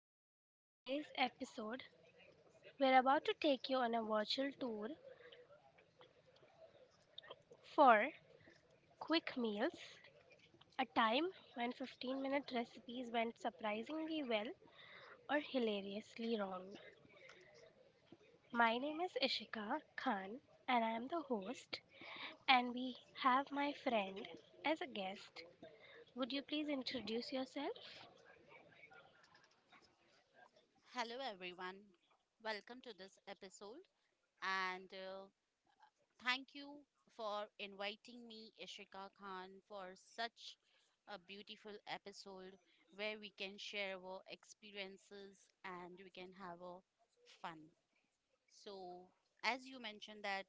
welcome to today's episode. We're about to take you on a virtual tour for quick meals, a time when 15-minute recipes went surprisingly well or hilariously wrong. My name is Ishika Khan and I am the host, and we have my friend as a guest. Would you please introduce yourself? Hello, everyone. Welcome to this episode. And Thank you for inviting me, Ishika Khan, for such a beautiful episode where we can share our experiences and we can have a fun. So, as you mentioned that,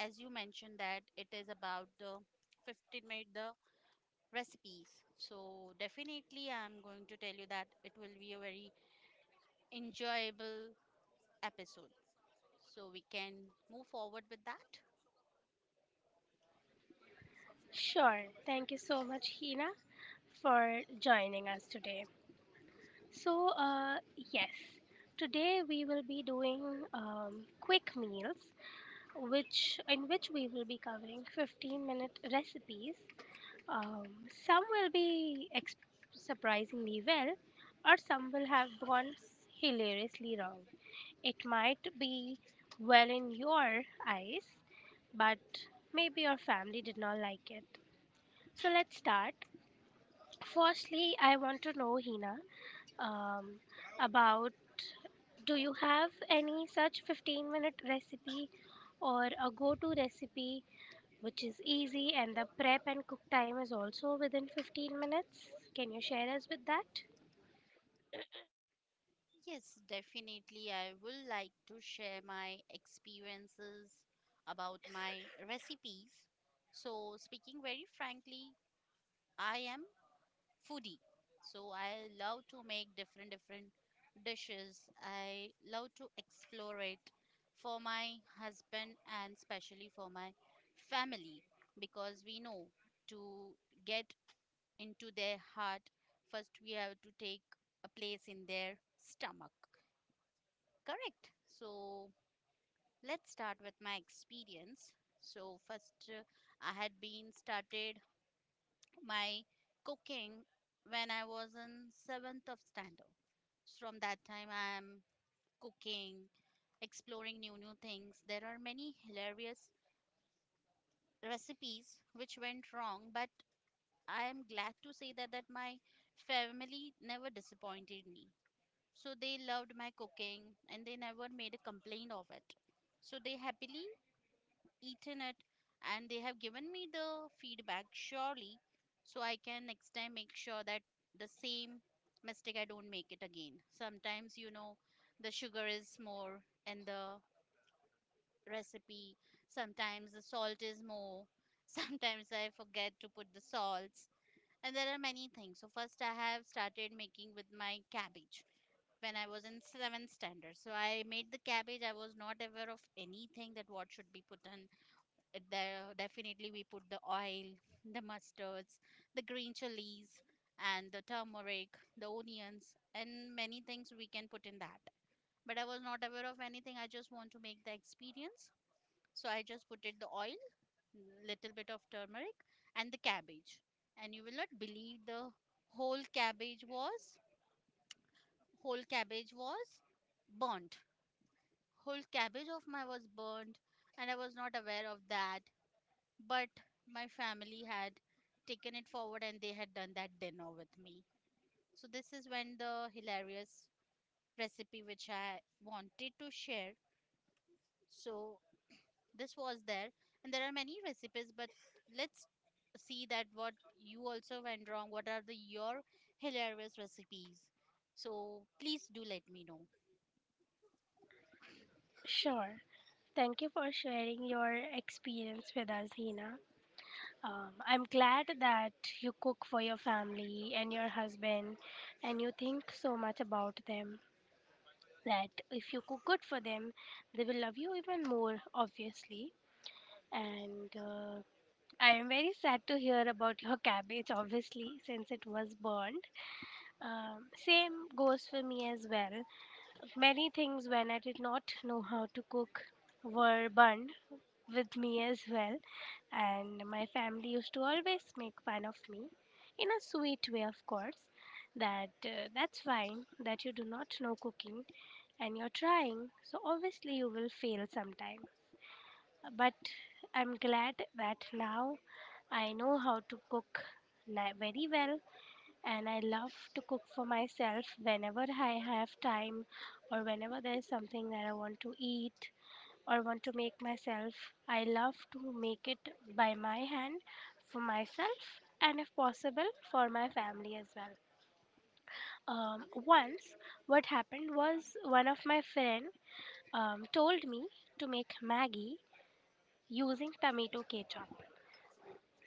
as you mentioned that it is about the 15 minute the recipes. So, definitely, I'm going to tell you that it will be a very enjoyable episode. So we can move forward with that? Sure. Thank you so much, Hina, for joining us today. So, yes, today we will be doing quick meals, which in which we will be covering 15-minute recipes. Um, some will be surprisingly well, or some will have gone hilariously wrong. It might be well in your eyes, but maybe your family did not like it. So let's start. Firstly, I want to know, Hina, um, about do you have any such 15-minute recipe or a go to recipe which is easy and the prep and cook time is also within 15 minutes? Can you share us with that? Yes, definitely. I will like to share my experiences about my recipes. So, speaking very frankly, I am foodie. So, I love to make different dishes. I love to explore it for my husband and especially for my family, because we know to get into their heart, first we have to take a place in their stomach. Correct. So let's start with my experience. So first, I had been started my cooking when I was in seventh of standard. So, from that time, I am cooking, exploring new things. There are many hilarious recipes which went wrong, but I am glad to say that my family never disappointed me. So they loved my cooking and they never made a complaint of it. So they happily eaten it and they have given me the feedback surely, so I can next time make sure that the same mistake I don't make it again. Sometimes you know the sugar is more in the recipe, sometimes the salt is more, sometimes I forget to put the salts, and there are many things. So first I have started making with my cabbage when I was in seventh standard. So I made the cabbage. I was not aware of anything that what should be put in. There definitely we put the oil, the mustards, the green chilies, and the turmeric, the onions, and many things we can put in that. But I was not aware of anything. I just want to make the experience. So I just put it the oil, little bit of turmeric, and the cabbage. And you will not believe, the whole cabbage was whole cabbage was burnt. Whole cabbage of mine was burned, and I was not aware of that. But my family had taken it forward and they had done that dinner with me. So, this is when the hilarious recipe which I wanted to share. So, this was there, and there are many recipes, but let's see that what you also went wrong. What are the your hilarious recipes? So, please do let me know. Sure. Thank you for sharing your experience with us, Hina. I'm glad that you cook for your family and your husband and you think so much about them that if you cook good for them, they will love you even more, obviously. And I am very sad to hear about your cabbage, obviously, since it was burned. Same goes for me as well. Many things when I did not know how to cook were burned with me as well. And my family used to always make fun of me in a sweet way, of course. That that's fine that you do not know cooking and you're trying, so obviously you will fail sometime. But I'm glad that now I know how to cook very well, and I love to cook for myself whenever I have time or whenever there is something that I want to eat or want to make myself. I love to make it by my hand for myself and, if possible, for my family as well. Once, what happened was one of my friend told me to make Maggie using tomato ketchup.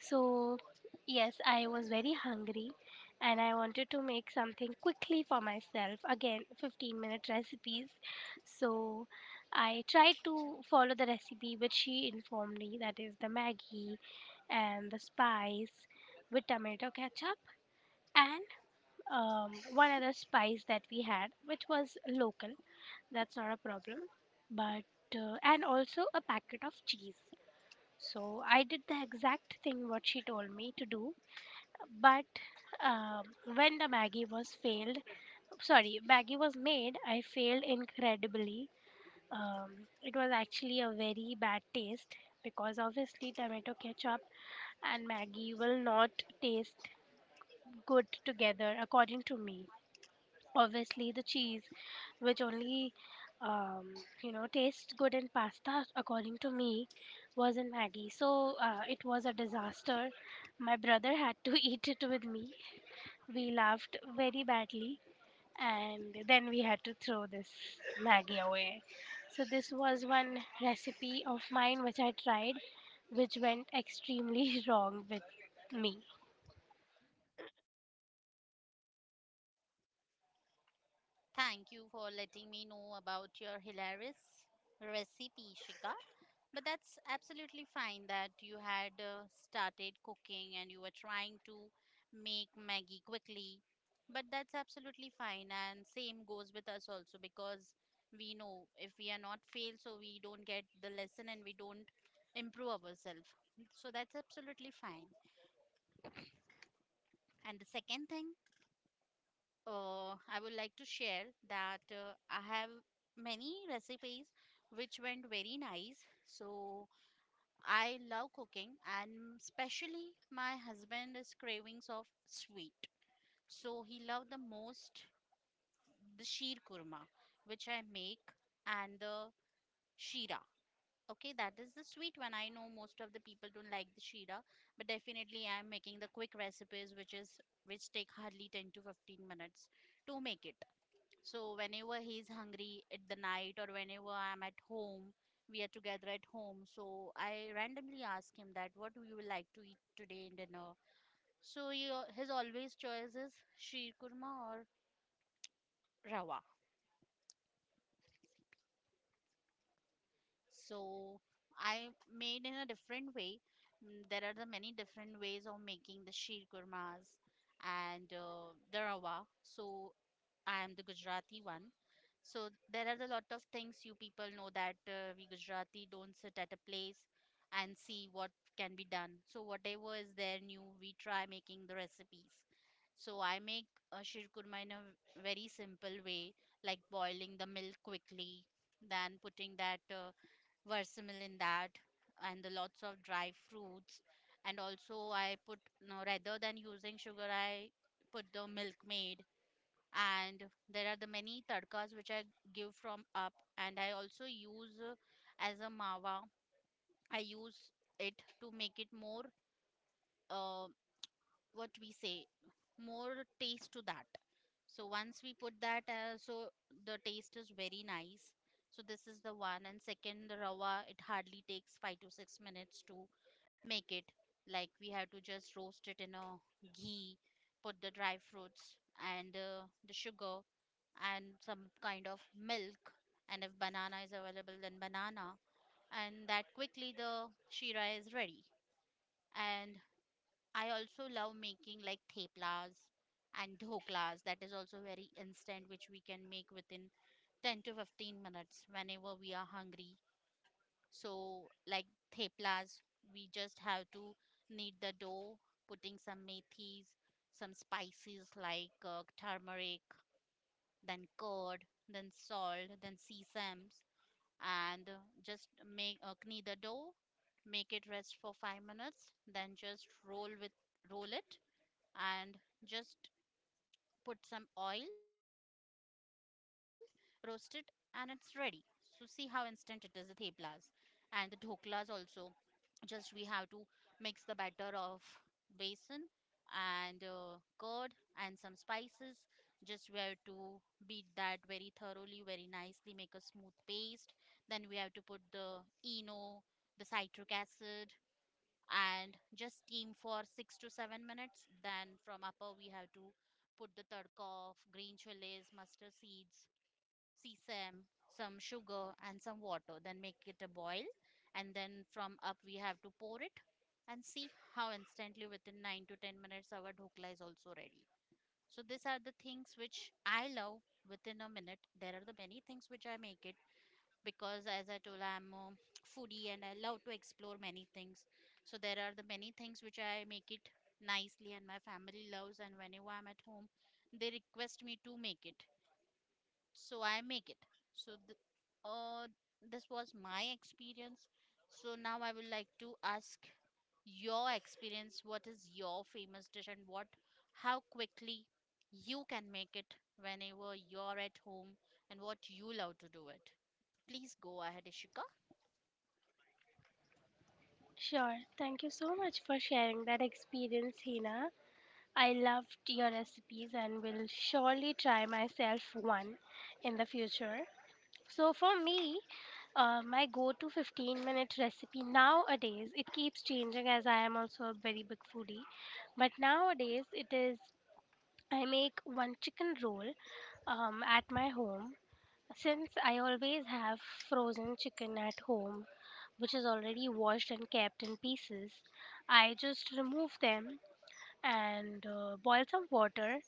So, yes, I was very hungry and I wanted to make something quickly for myself. Again, 15-minute recipes. So, I tried to follow the recipe which she informed me that is the Maggie and the spice with tomato ketchup and one other spice that we had, which was local. That's not a problem. But, and also a packet of cheese. So, I did the exact thing what she told me to do, but um, when the Maggie was failed, sorry, Maggie was made, I failed incredibly. It was actually a very bad taste because obviously tomato ketchup and Maggie will not taste good together, according to me. Obviously, the cheese, which only um, tastes good in pasta, according to me, was in Maggie. So it was a disaster. My brother had to eat it with me. We laughed very badly and then we had to throw this Maggie away. So, this was one recipe of mine which I tried, which went extremely wrong with me. Thank you for letting me know about your hilarious recipe, Shika. But that's absolutely fine that you had started cooking and you were trying to make Maggie quickly. But that's absolutely fine, and same goes with us also, because we know if we are not fail, so we don't get the lesson and we don't improve ourselves. So that's absolutely fine. And the second thing, I would like to share that I have many recipes which went very nice. So I love cooking, and especially my husband is cravings of sweet. So he loved the most the sheer kurma, which I make, and the shira. Okay, that is the sweet one. I know most of the people don't like the shira, but definitely I am making the quick recipes, which is which take hardly 10 to 15 minutes to make it, so whenever he's hungry at the night or whenever I'm at home, we are together at home. So I randomly ask him that what you would like to eat today in dinner. So he, his always choice is sheer kurma or rawa. So I made in a different way. There are the many different ways of making the sheer kurmas and the rawa. So I'm the Gujarati one. So there are a lot of things you people know that we Gujarati don't sit at a place and see what can be done. So whatever is there new, we try making the recipes. So I make a shirkurma in a very simple way, like boiling the milk quickly, then putting that versamil in that, and the lots of dry fruits. And also I put no rather than using sugar, I put the milkmaid, and there are the many tadkas which I give from up, and I also use as a mawa I use it to make it more, uh, what we say, more taste to that. So once we put that, so the taste is very nice. So this is the one, and second, the rawa. It hardly takes 5 to 6 minutes to make it. Like we have to just roast it in a ghee, put the dry fruits and the sugar and some kind of milk. And if banana is available, then banana. And that quickly the shira is ready. And I also love making like theplas and dhoklas. That is also very instant, which we can make within 10 to 15 minutes whenever we are hungry. So, like theplas, we just have to knead the dough, putting some methis, some spices like turmeric, then curd, then salt, then sesame, and just make knead the dough, make it rest for 5 minutes, then just roll it and just put some oil, roast it, and it's ready. So see how instant it is, the theplas and the dhoklas also. Just we have to mix the batter of basin and curd and some spices. Just we have to beat that very thoroughly, very nicely, make a smooth paste. Then we have to put the eno, the citric acid, and just steam for 6 to 7 minutes. Then from upper we have to put the tadka of green chilies, mustard seeds, sesame, some sugar and some water. Then make it a boil, and then from up we have to pour it and see how instantly within 9 to 10 minutes our dhokla is also ready. So these are the things which I love within a minute. There are the many things which I make it, because as I told, I'm a foodie and I love to explore many things, so there are the many things which I make it nicely, and my family loves, and whenever I'm at home they request me to make it, so I make it. So uh, this was my experience. So now I would like to ask your experience: what is your famous dish and what how quickly you can make it whenever you're at home and what you love to do it. Please go ahead, Ishika. Sure. Thank you so much for sharing that experience, Hina. I loved your recipes and will surely try myself one in the future. So, for me, my go-to 15-minute recipe nowadays it keeps changing, as I am also a very big foodie, but nowadays it is I make one chicken roll at my home, since I always have frozen chicken at home which is already washed and kept in pieces. I just remove them and boil some water,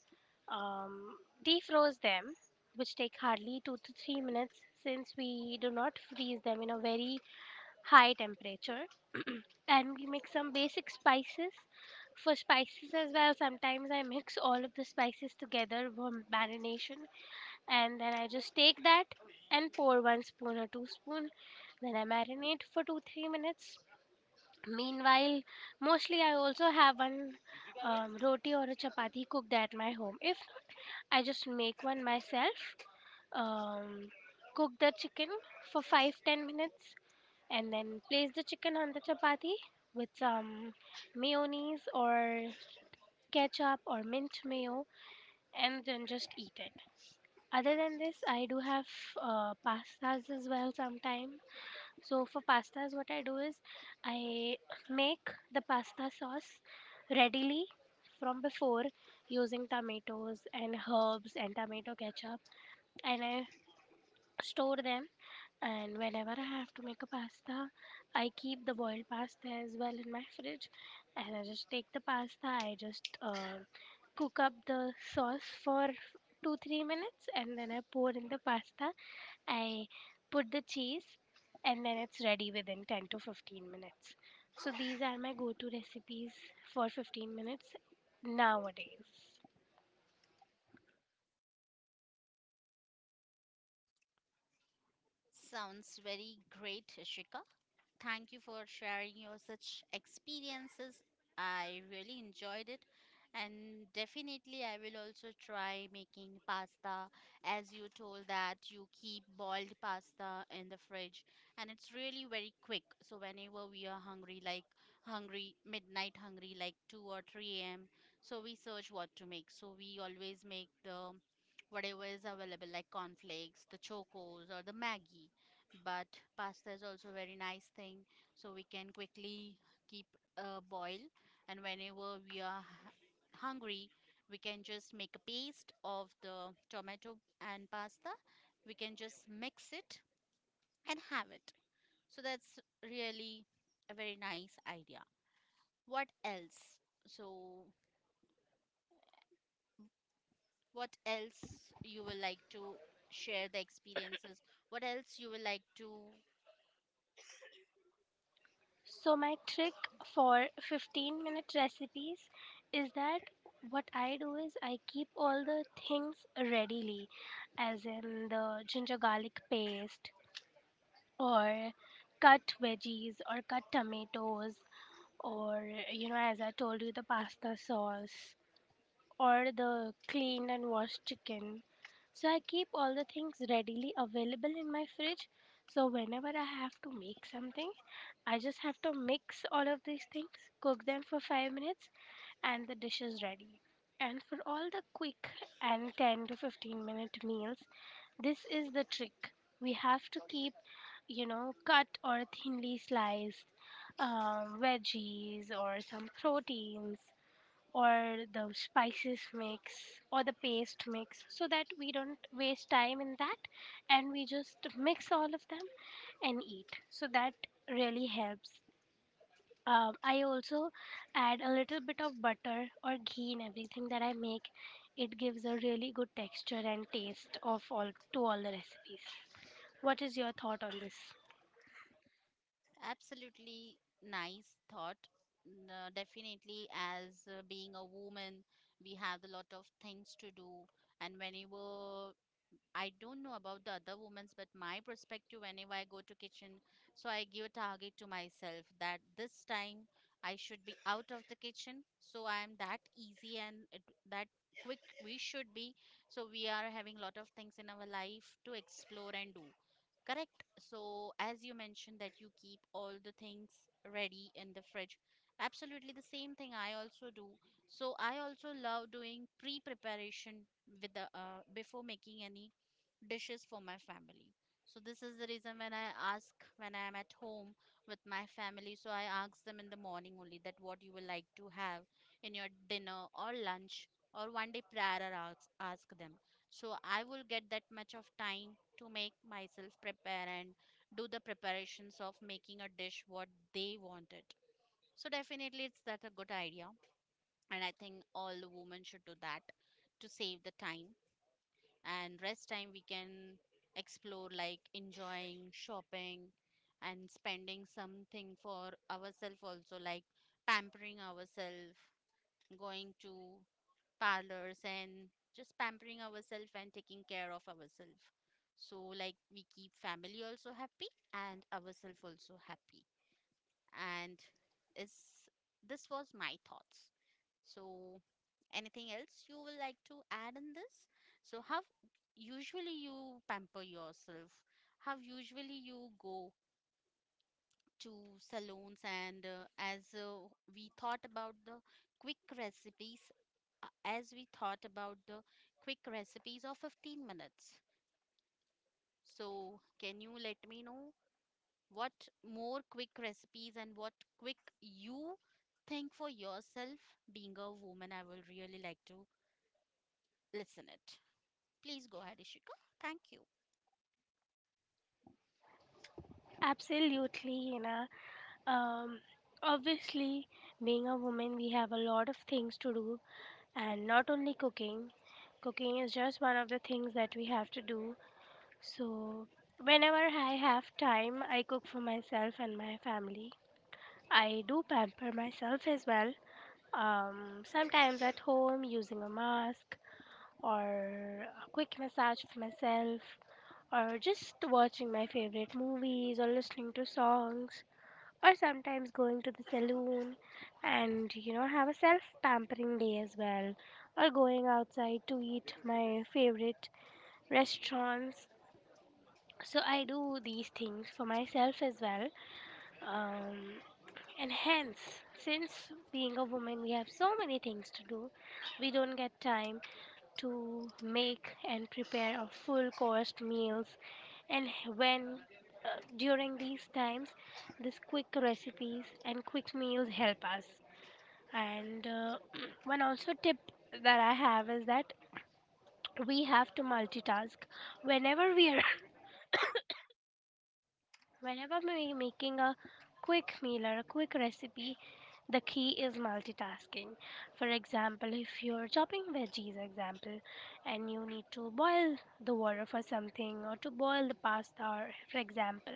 um, defroze them, which take hardly 2 to 3 minutes since we do not freeze them in a very high temperature. And we mix some basic spices. For spices as well, sometimes I mix all of the spices together for marination, and then I just take that and pour one spoon or two spoon. Then I marinate for 2 3 minutes. Meanwhile, mostly I also have one roti or a chapati cooked at my home. If not, I just make one myself, um, cook the chicken for 5 10 minutes, and then place the chicken on the chapati with some mayonnaise or ketchup or mint mayo and then just eat it. Other than this, I do have pastas as well sometimes. So for pastas, what I do is I make the pasta sauce readily from before using tomatoes and herbs and tomato ketchup, and I store them. And whenever I have to make a pasta, I keep the boiled pasta as well in my fridge, and I just take the pasta. I just cook up the sauce for 2 3 minutes and then I pour in the pasta. I put the cheese, and then it's ready within 10 to 15 minutes. So these are my go to recipes for 15 minutes nowadays. Sounds very great, Ishika. Thank you for sharing your such experiences. I really enjoyed it. And definitely, I will also try making pasta as you told that you keep boiled pasta in the fridge, and it's really very quick. So, whenever we are hungry, like midnight hungry, like 2 or 3 a.m., so we search what to make. So, we always make the whatever is available, like cornflakes, the chocos, or the Maggie, but pasta is also very nice thing, so we can quickly keep a boil, and whenever we are hungry, we can just make a paste of the tomato and pasta, we can just mix it and have it. So that's really a very nice idea. What else? So what else you will like to share the experiences? What else you will like to? So my trick for 15-minute recipes is that what I do is I keep all the things readily, as in the ginger garlic paste or cut veggies or cut tomatoes or, you know, as I told you, the pasta sauce or the cleaned and washed chicken. So I keep all the things readily available in my fridge, so whenever I have to make something I just have to mix all of these things, cook them for 5 minutes, and the dish is ready. And for all the quick and 10 to 15 minute meals, this is the trick. We have to keep, you know, cut or thinly sliced veggies or some proteins or the spices mix or the paste mix, so that we don't waste time in that and we just mix all of them and eat. So that really helps. I also add a little bit of butter or ghee in everything that I make. It gives a really good texture and taste of all to all the recipes. What is your thought on this? Absolutely nice thought. Definitely, as being a woman, we have a lot of things to do, and whenever, I don't know about the other women's, but my perspective whenever I go to kitchen, so I give a target to myself that this time I should be out of the kitchen. So I am that easy and that quick we should be. So we are having a lot of things in our life to explore and do. Correct. So as you mentioned that you keep all the things ready in the fridge. Absolutely the same thing I also do. So I also love doing pre-preparation with the before making any dishes for my family. So this is the reason when I ask when I am at home with my family, so I ask them in the morning only that what you will like to have in your dinner or lunch, or one day prior I ask them. So I will get that much of time to make myself prepare and do the preparations of making a dish what they wanted. So definitely it's that a good idea, and I think all the women should do that to save the time. And rest time we can explore like enjoying shopping and spending something for ourselves also, like pampering ourselves, going to parlors and just pampering ourselves and taking care of ourselves. So like we keep family also happy and ourselves also happy. And is this was my thoughts so Anything else you would like to add in this? So, how usually you pamper yourself? How usually you go to salons? And as We thought about the quick recipes, as we thought about the quick recipes of 15 minutes. So, can you let me know what more quick recipes and what quick you think for yourself? Being a woman, I will really like to listen it. Please go ahead, Ishika. Thank you. Absolutely, Hina. Um, obviously, being a woman, we have a lot of things to do, and not only cooking. Cooking is just one of the things that we have to do. So, whenever I have time, I cook for myself and my family. I do pamper myself as well. Sometimes at home using a mask or a quick massage for myself, or just watching my favorite movies or listening to songs, or sometimes going to the saloon and, have a self pampering day as well, or going outside to eat my favorite restaurants. So I do these things for myself as well. um, and hence, since being a woman we have so many things to do, we don't get time to make and prepare a full course meals. And when during these times these quick recipes and quick meals help us. And one also tip that I have is that we have to multitask whenever we are. Whenever we making a quick meal or a quick recipe, the key is multitasking. For example, if you're chopping veggies, example, and you need to boil the water for something or to boil the pasta, or for example,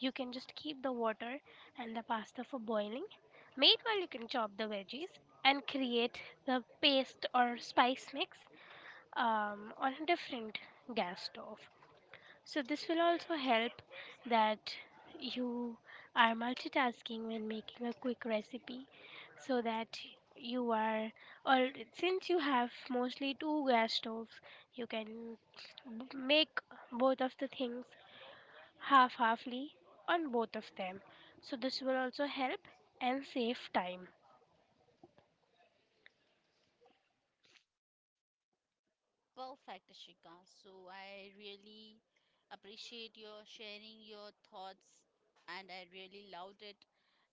you can just keep the water and the pasta for boiling. Meanwhile, you can chop the veggies and create the paste or spice mix on a different gas stove. So this will also help, that you are multitasking when making a quick recipe, so that you are, or since you have mostly two gas stoves you can make both of the things half halfly on both of them. So this will also help and save time. Perfect, Ashika. So I really appreciate your sharing your thoughts, and I really loved it.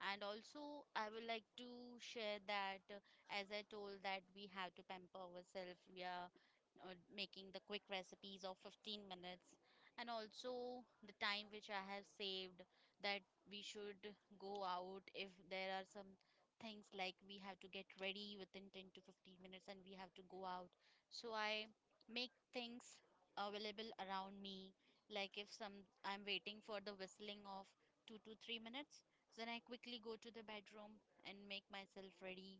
And also, I would like to share that, as I told, that we have to pamper ourselves. We are making the quick recipes of 15 minutes. And also, the time which I have saved, that we should go out if there are some things like we have to get ready within 10 to 15 minutes and we have to go out. So, I make things available around me. Like if some I'm waiting for the whistling of 2 to 3 minutes, then I quickly go to the bedroom and make myself ready,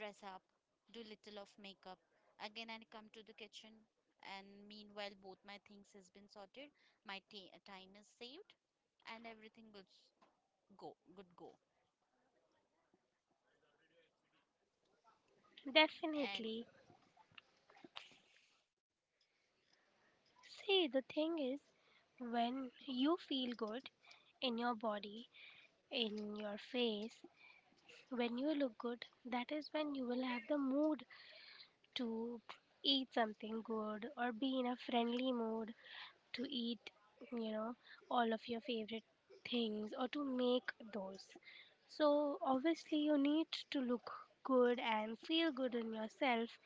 dress up, do little of makeup. Again I come to the kitchen, and meanwhile both my things has been sorted, my time is saved, and everything good go good go. And Definitely. See, the thing is, when you feel good in your body, in your face, when you look good, that is when you will have the mood to eat something good or be in a friendly mood to eat, you know, all of your favorite things or to make those. So, obviously, you need to look good and feel good in yourself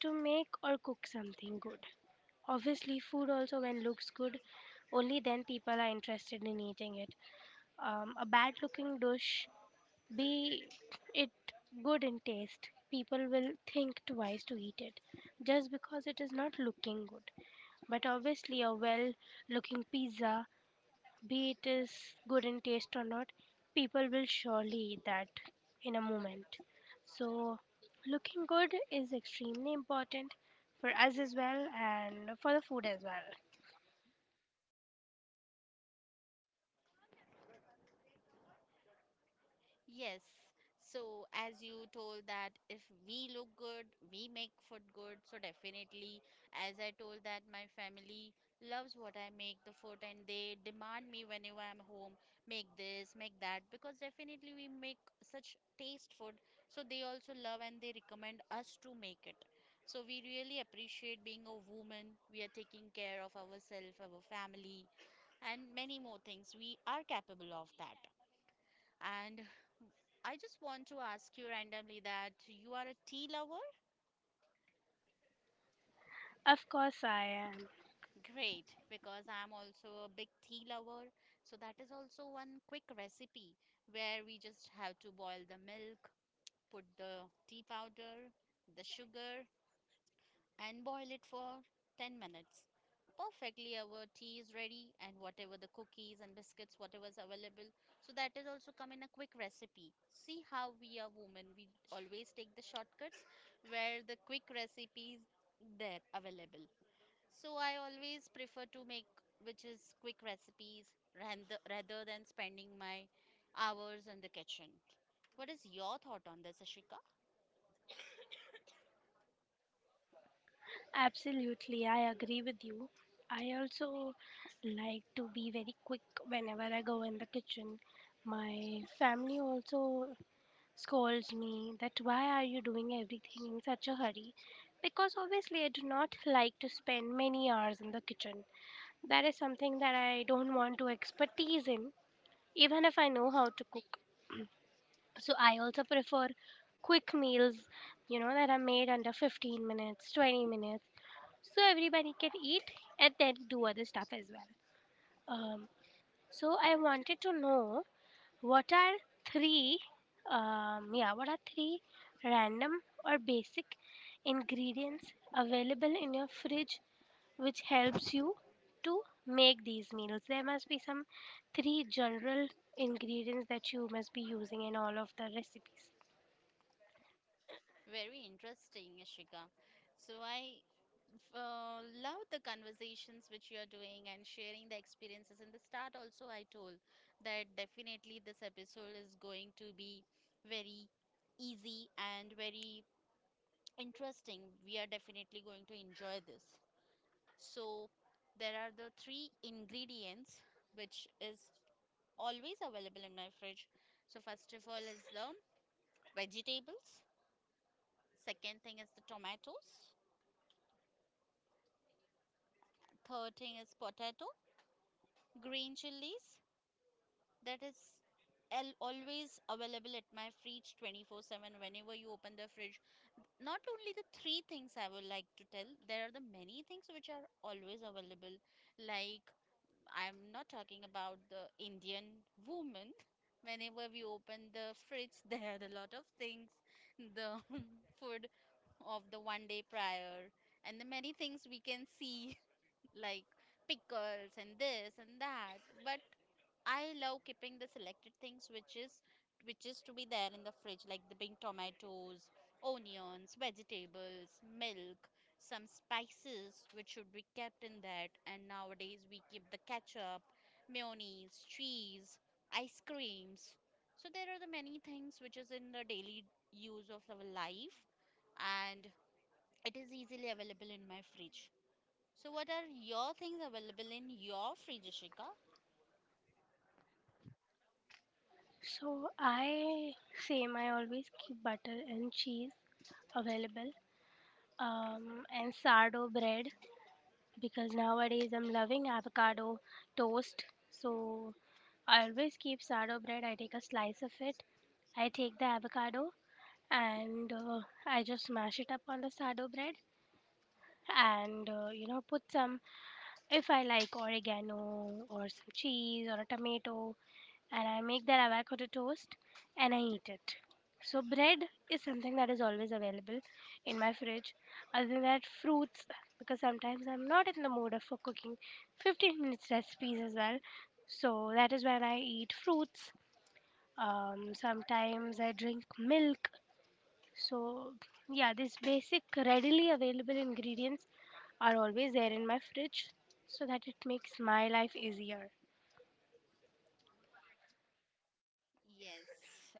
to make or cook something good. Obviously, food also, when looks good, only then people are interested in eating it. A bad looking dish, be it good in taste, people will think twice to eat it just because it is not looking good. But obviously, a well looking pizza, be it is good in taste or not, people will surely eat that in a moment. So, looking good is extremely important for us as well and for the food as well. yes. So, as you told that if we look good, we make food good. So, definitely, as I told that my family loves what I make, the food, and they demand me whenever I'm home, make this, make that, because definitely we make such taste food. So, they also love and they recommend us to make it. So, we really appreciate being a woman. We are taking care of ourselves, our family, and many more things. We are capable of that. And I just want to ask you randomly that you are a tea lover? Of course, I am. Great, because I'm also a big tea lover. So that is also one quick recipe where we just have to boil the milk, put the tea powder, the sugar, and boil it for 10 minutes. Perfectly, our tea is ready, and whatever the cookies and biscuits, whatever is available. So, that is also come in a quick recipe. See how we are women, we always take the shortcuts where the quick recipes there available. So, I always prefer to make which is quick recipes rather than spending my hours in the kitchen. What is your thought on this, Ashika? Absolutely, I agree with you. I also like to be very quick whenever I go in the kitchen. My family also scolds me that why are you doing everything in such a hurry? Because obviously, I do not like to spend many hours in the kitchen. That is something that I don't want to expertise in, even if I know how to cook. So I also prefer quick meals, you know, that are made under 15 minutes, 20 minutes, so everybody can eat and then do other stuff as well. Um, so I wanted to know, what are three, three random or basic ingredients available in your fridge which helps you to make these meals? There must be some three general ingredients that you must be using in all of the recipes. Very interesting, Ashika. So I love the conversations which you're doing and sharing the experiences. In the start, also, I told that definitely this episode is going to be very easy and very interesting. We are definitely going to enjoy this. So, there are the three ingredients which is always available in my fridge. So, first of all, is the vegetables, second thing is the tomatoes, third thing is potato, green chilies, that is always available at my fridge 24/7. Whenever you open the fridge, not only the three things, I would like to tell there are the many things which are always available. Like, I'm not talking about the Indian woman. Whenever we open the fridge, there are a lot of things, the food of the one day prior, and the many things we can see. Like pickles and this and that. But I love keeping the selected things which is to be there in the fridge, like the big tomatoes, onions, vegetables, milk, some spices which should be kept in that. And nowadays we keep the ketchup, mayonnaise, cheese, ice creams. So there are the many things which is in the daily use of our life, and it is easily available in my fridge. So what are your things available in your fridge, Ashika? So I same I always keep butter and cheese available, and sourdough bread, because nowadays I'm loving avocado toast. So I always keep sourdough bread. I take a slice of it. I take the avocado and I just mash it up on the sourdough bread, and put some, if I like, oregano or some cheese or a tomato, and I make that avocado toast and I eat it. So bread is something that is always available in my fridge. Other than that, fruits, because sometimes I'm not in the mood of for cooking 15 minutes recipes as well. So that is when I eat fruits. Sometimes I drink milk. So yeah, these basic readily available ingredients are always there in my fridge so that it makes my life easier. Yes,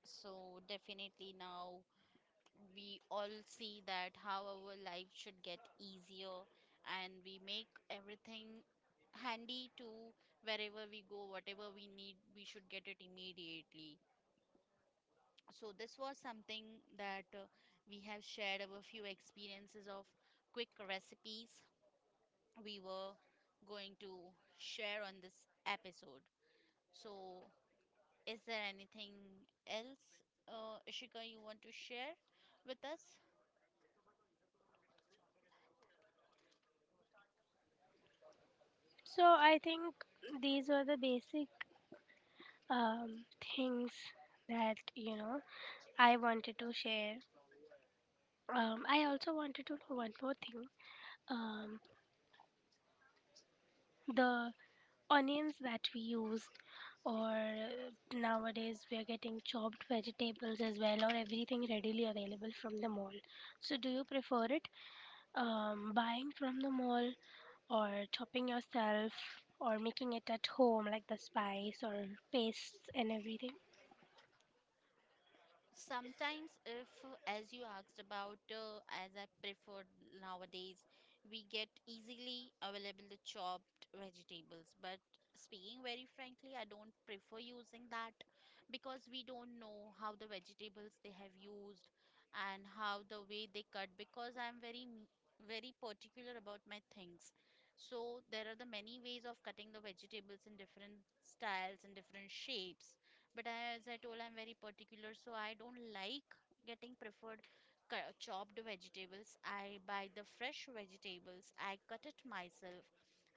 so definitely now we all see that how our life should get easier, and we make everything handy. To wherever we go, whatever we need, we should get it immediately. So this was something that we have shared our few experiences of quick recipes we were going to share on this episode. So is there anything else, Ishika, you want to share with us? So I think these were the basic um, things that I wanted to share. I also wanted to know one more thing. Um, the onions that we use, or nowadays we are getting chopped vegetables as well, or everything readily available from the mall. So, do you prefer it buying from the mall, or chopping yourself, or making it at home, like the spice or pastes and everything? Sometimes if, as you asked about, as I prefer, nowadays we get easily available the chopped vegetables, but speaking very frankly, I don't prefer using that because we don't know how the vegetables they have used and how the way they cut, because I'm very particular about my things. So there are the many ways of cutting the vegetables in different styles and different shapes, but as I told, I'm very particular, so I don't like getting preferred chopped vegetables. I buy the fresh vegetables, I cut it myself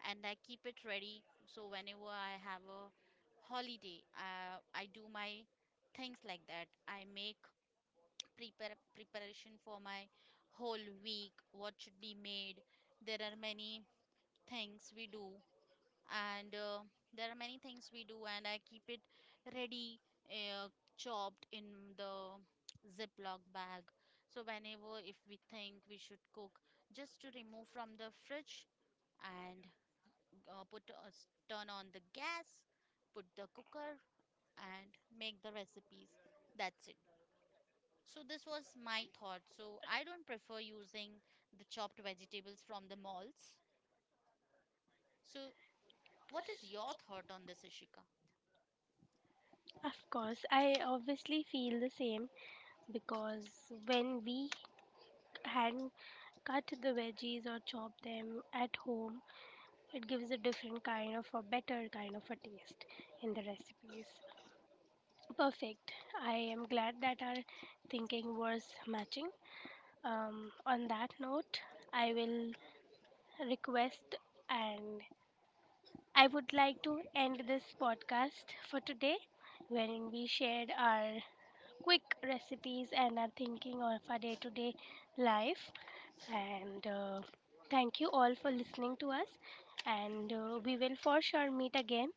and I keep it ready. So whenever I have a holiday, I do my things like that. I make prepare preparation for my whole week, what should be made. There are many things we do, and there are many things we do, and I keep it ready, uh, chopped in the ziploc bag. So whenever, if we think we should cook, just to remove from the fridge and put turn on the gas, put the cooker, and make the recipes. That's it. So this was my thought, so I don't prefer using the chopped vegetables from the malls. So what is your thought on this, Ishika? Of course, I obviously feel the same, because when we hand cut the veggies or chop them at home it gives a different kind of a better kind of a taste in the recipes. Perfect. I am glad that our thinking was matching. On that note, I will request, and I would like to end this podcast for today, wherein we shared our quick recipes and our thinking of our day-to-day life. And thank you all for listening to us. And we will for sure meet again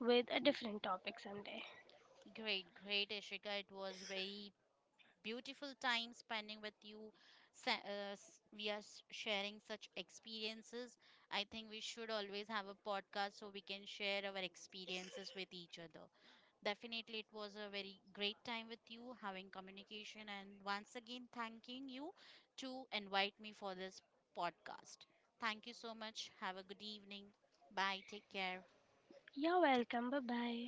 with a different topic someday. Great, great, Ishika. It was very beautiful time spending with you. We are sharing such experiences. I think we should always have a podcast so we can share our experiences with each other. Definitely, it was a very great time with you having communication. And once again, thanking you to invite me for this podcast. Thank you so much. Have a good evening. Bye. Take care. You're welcome. Bye bye.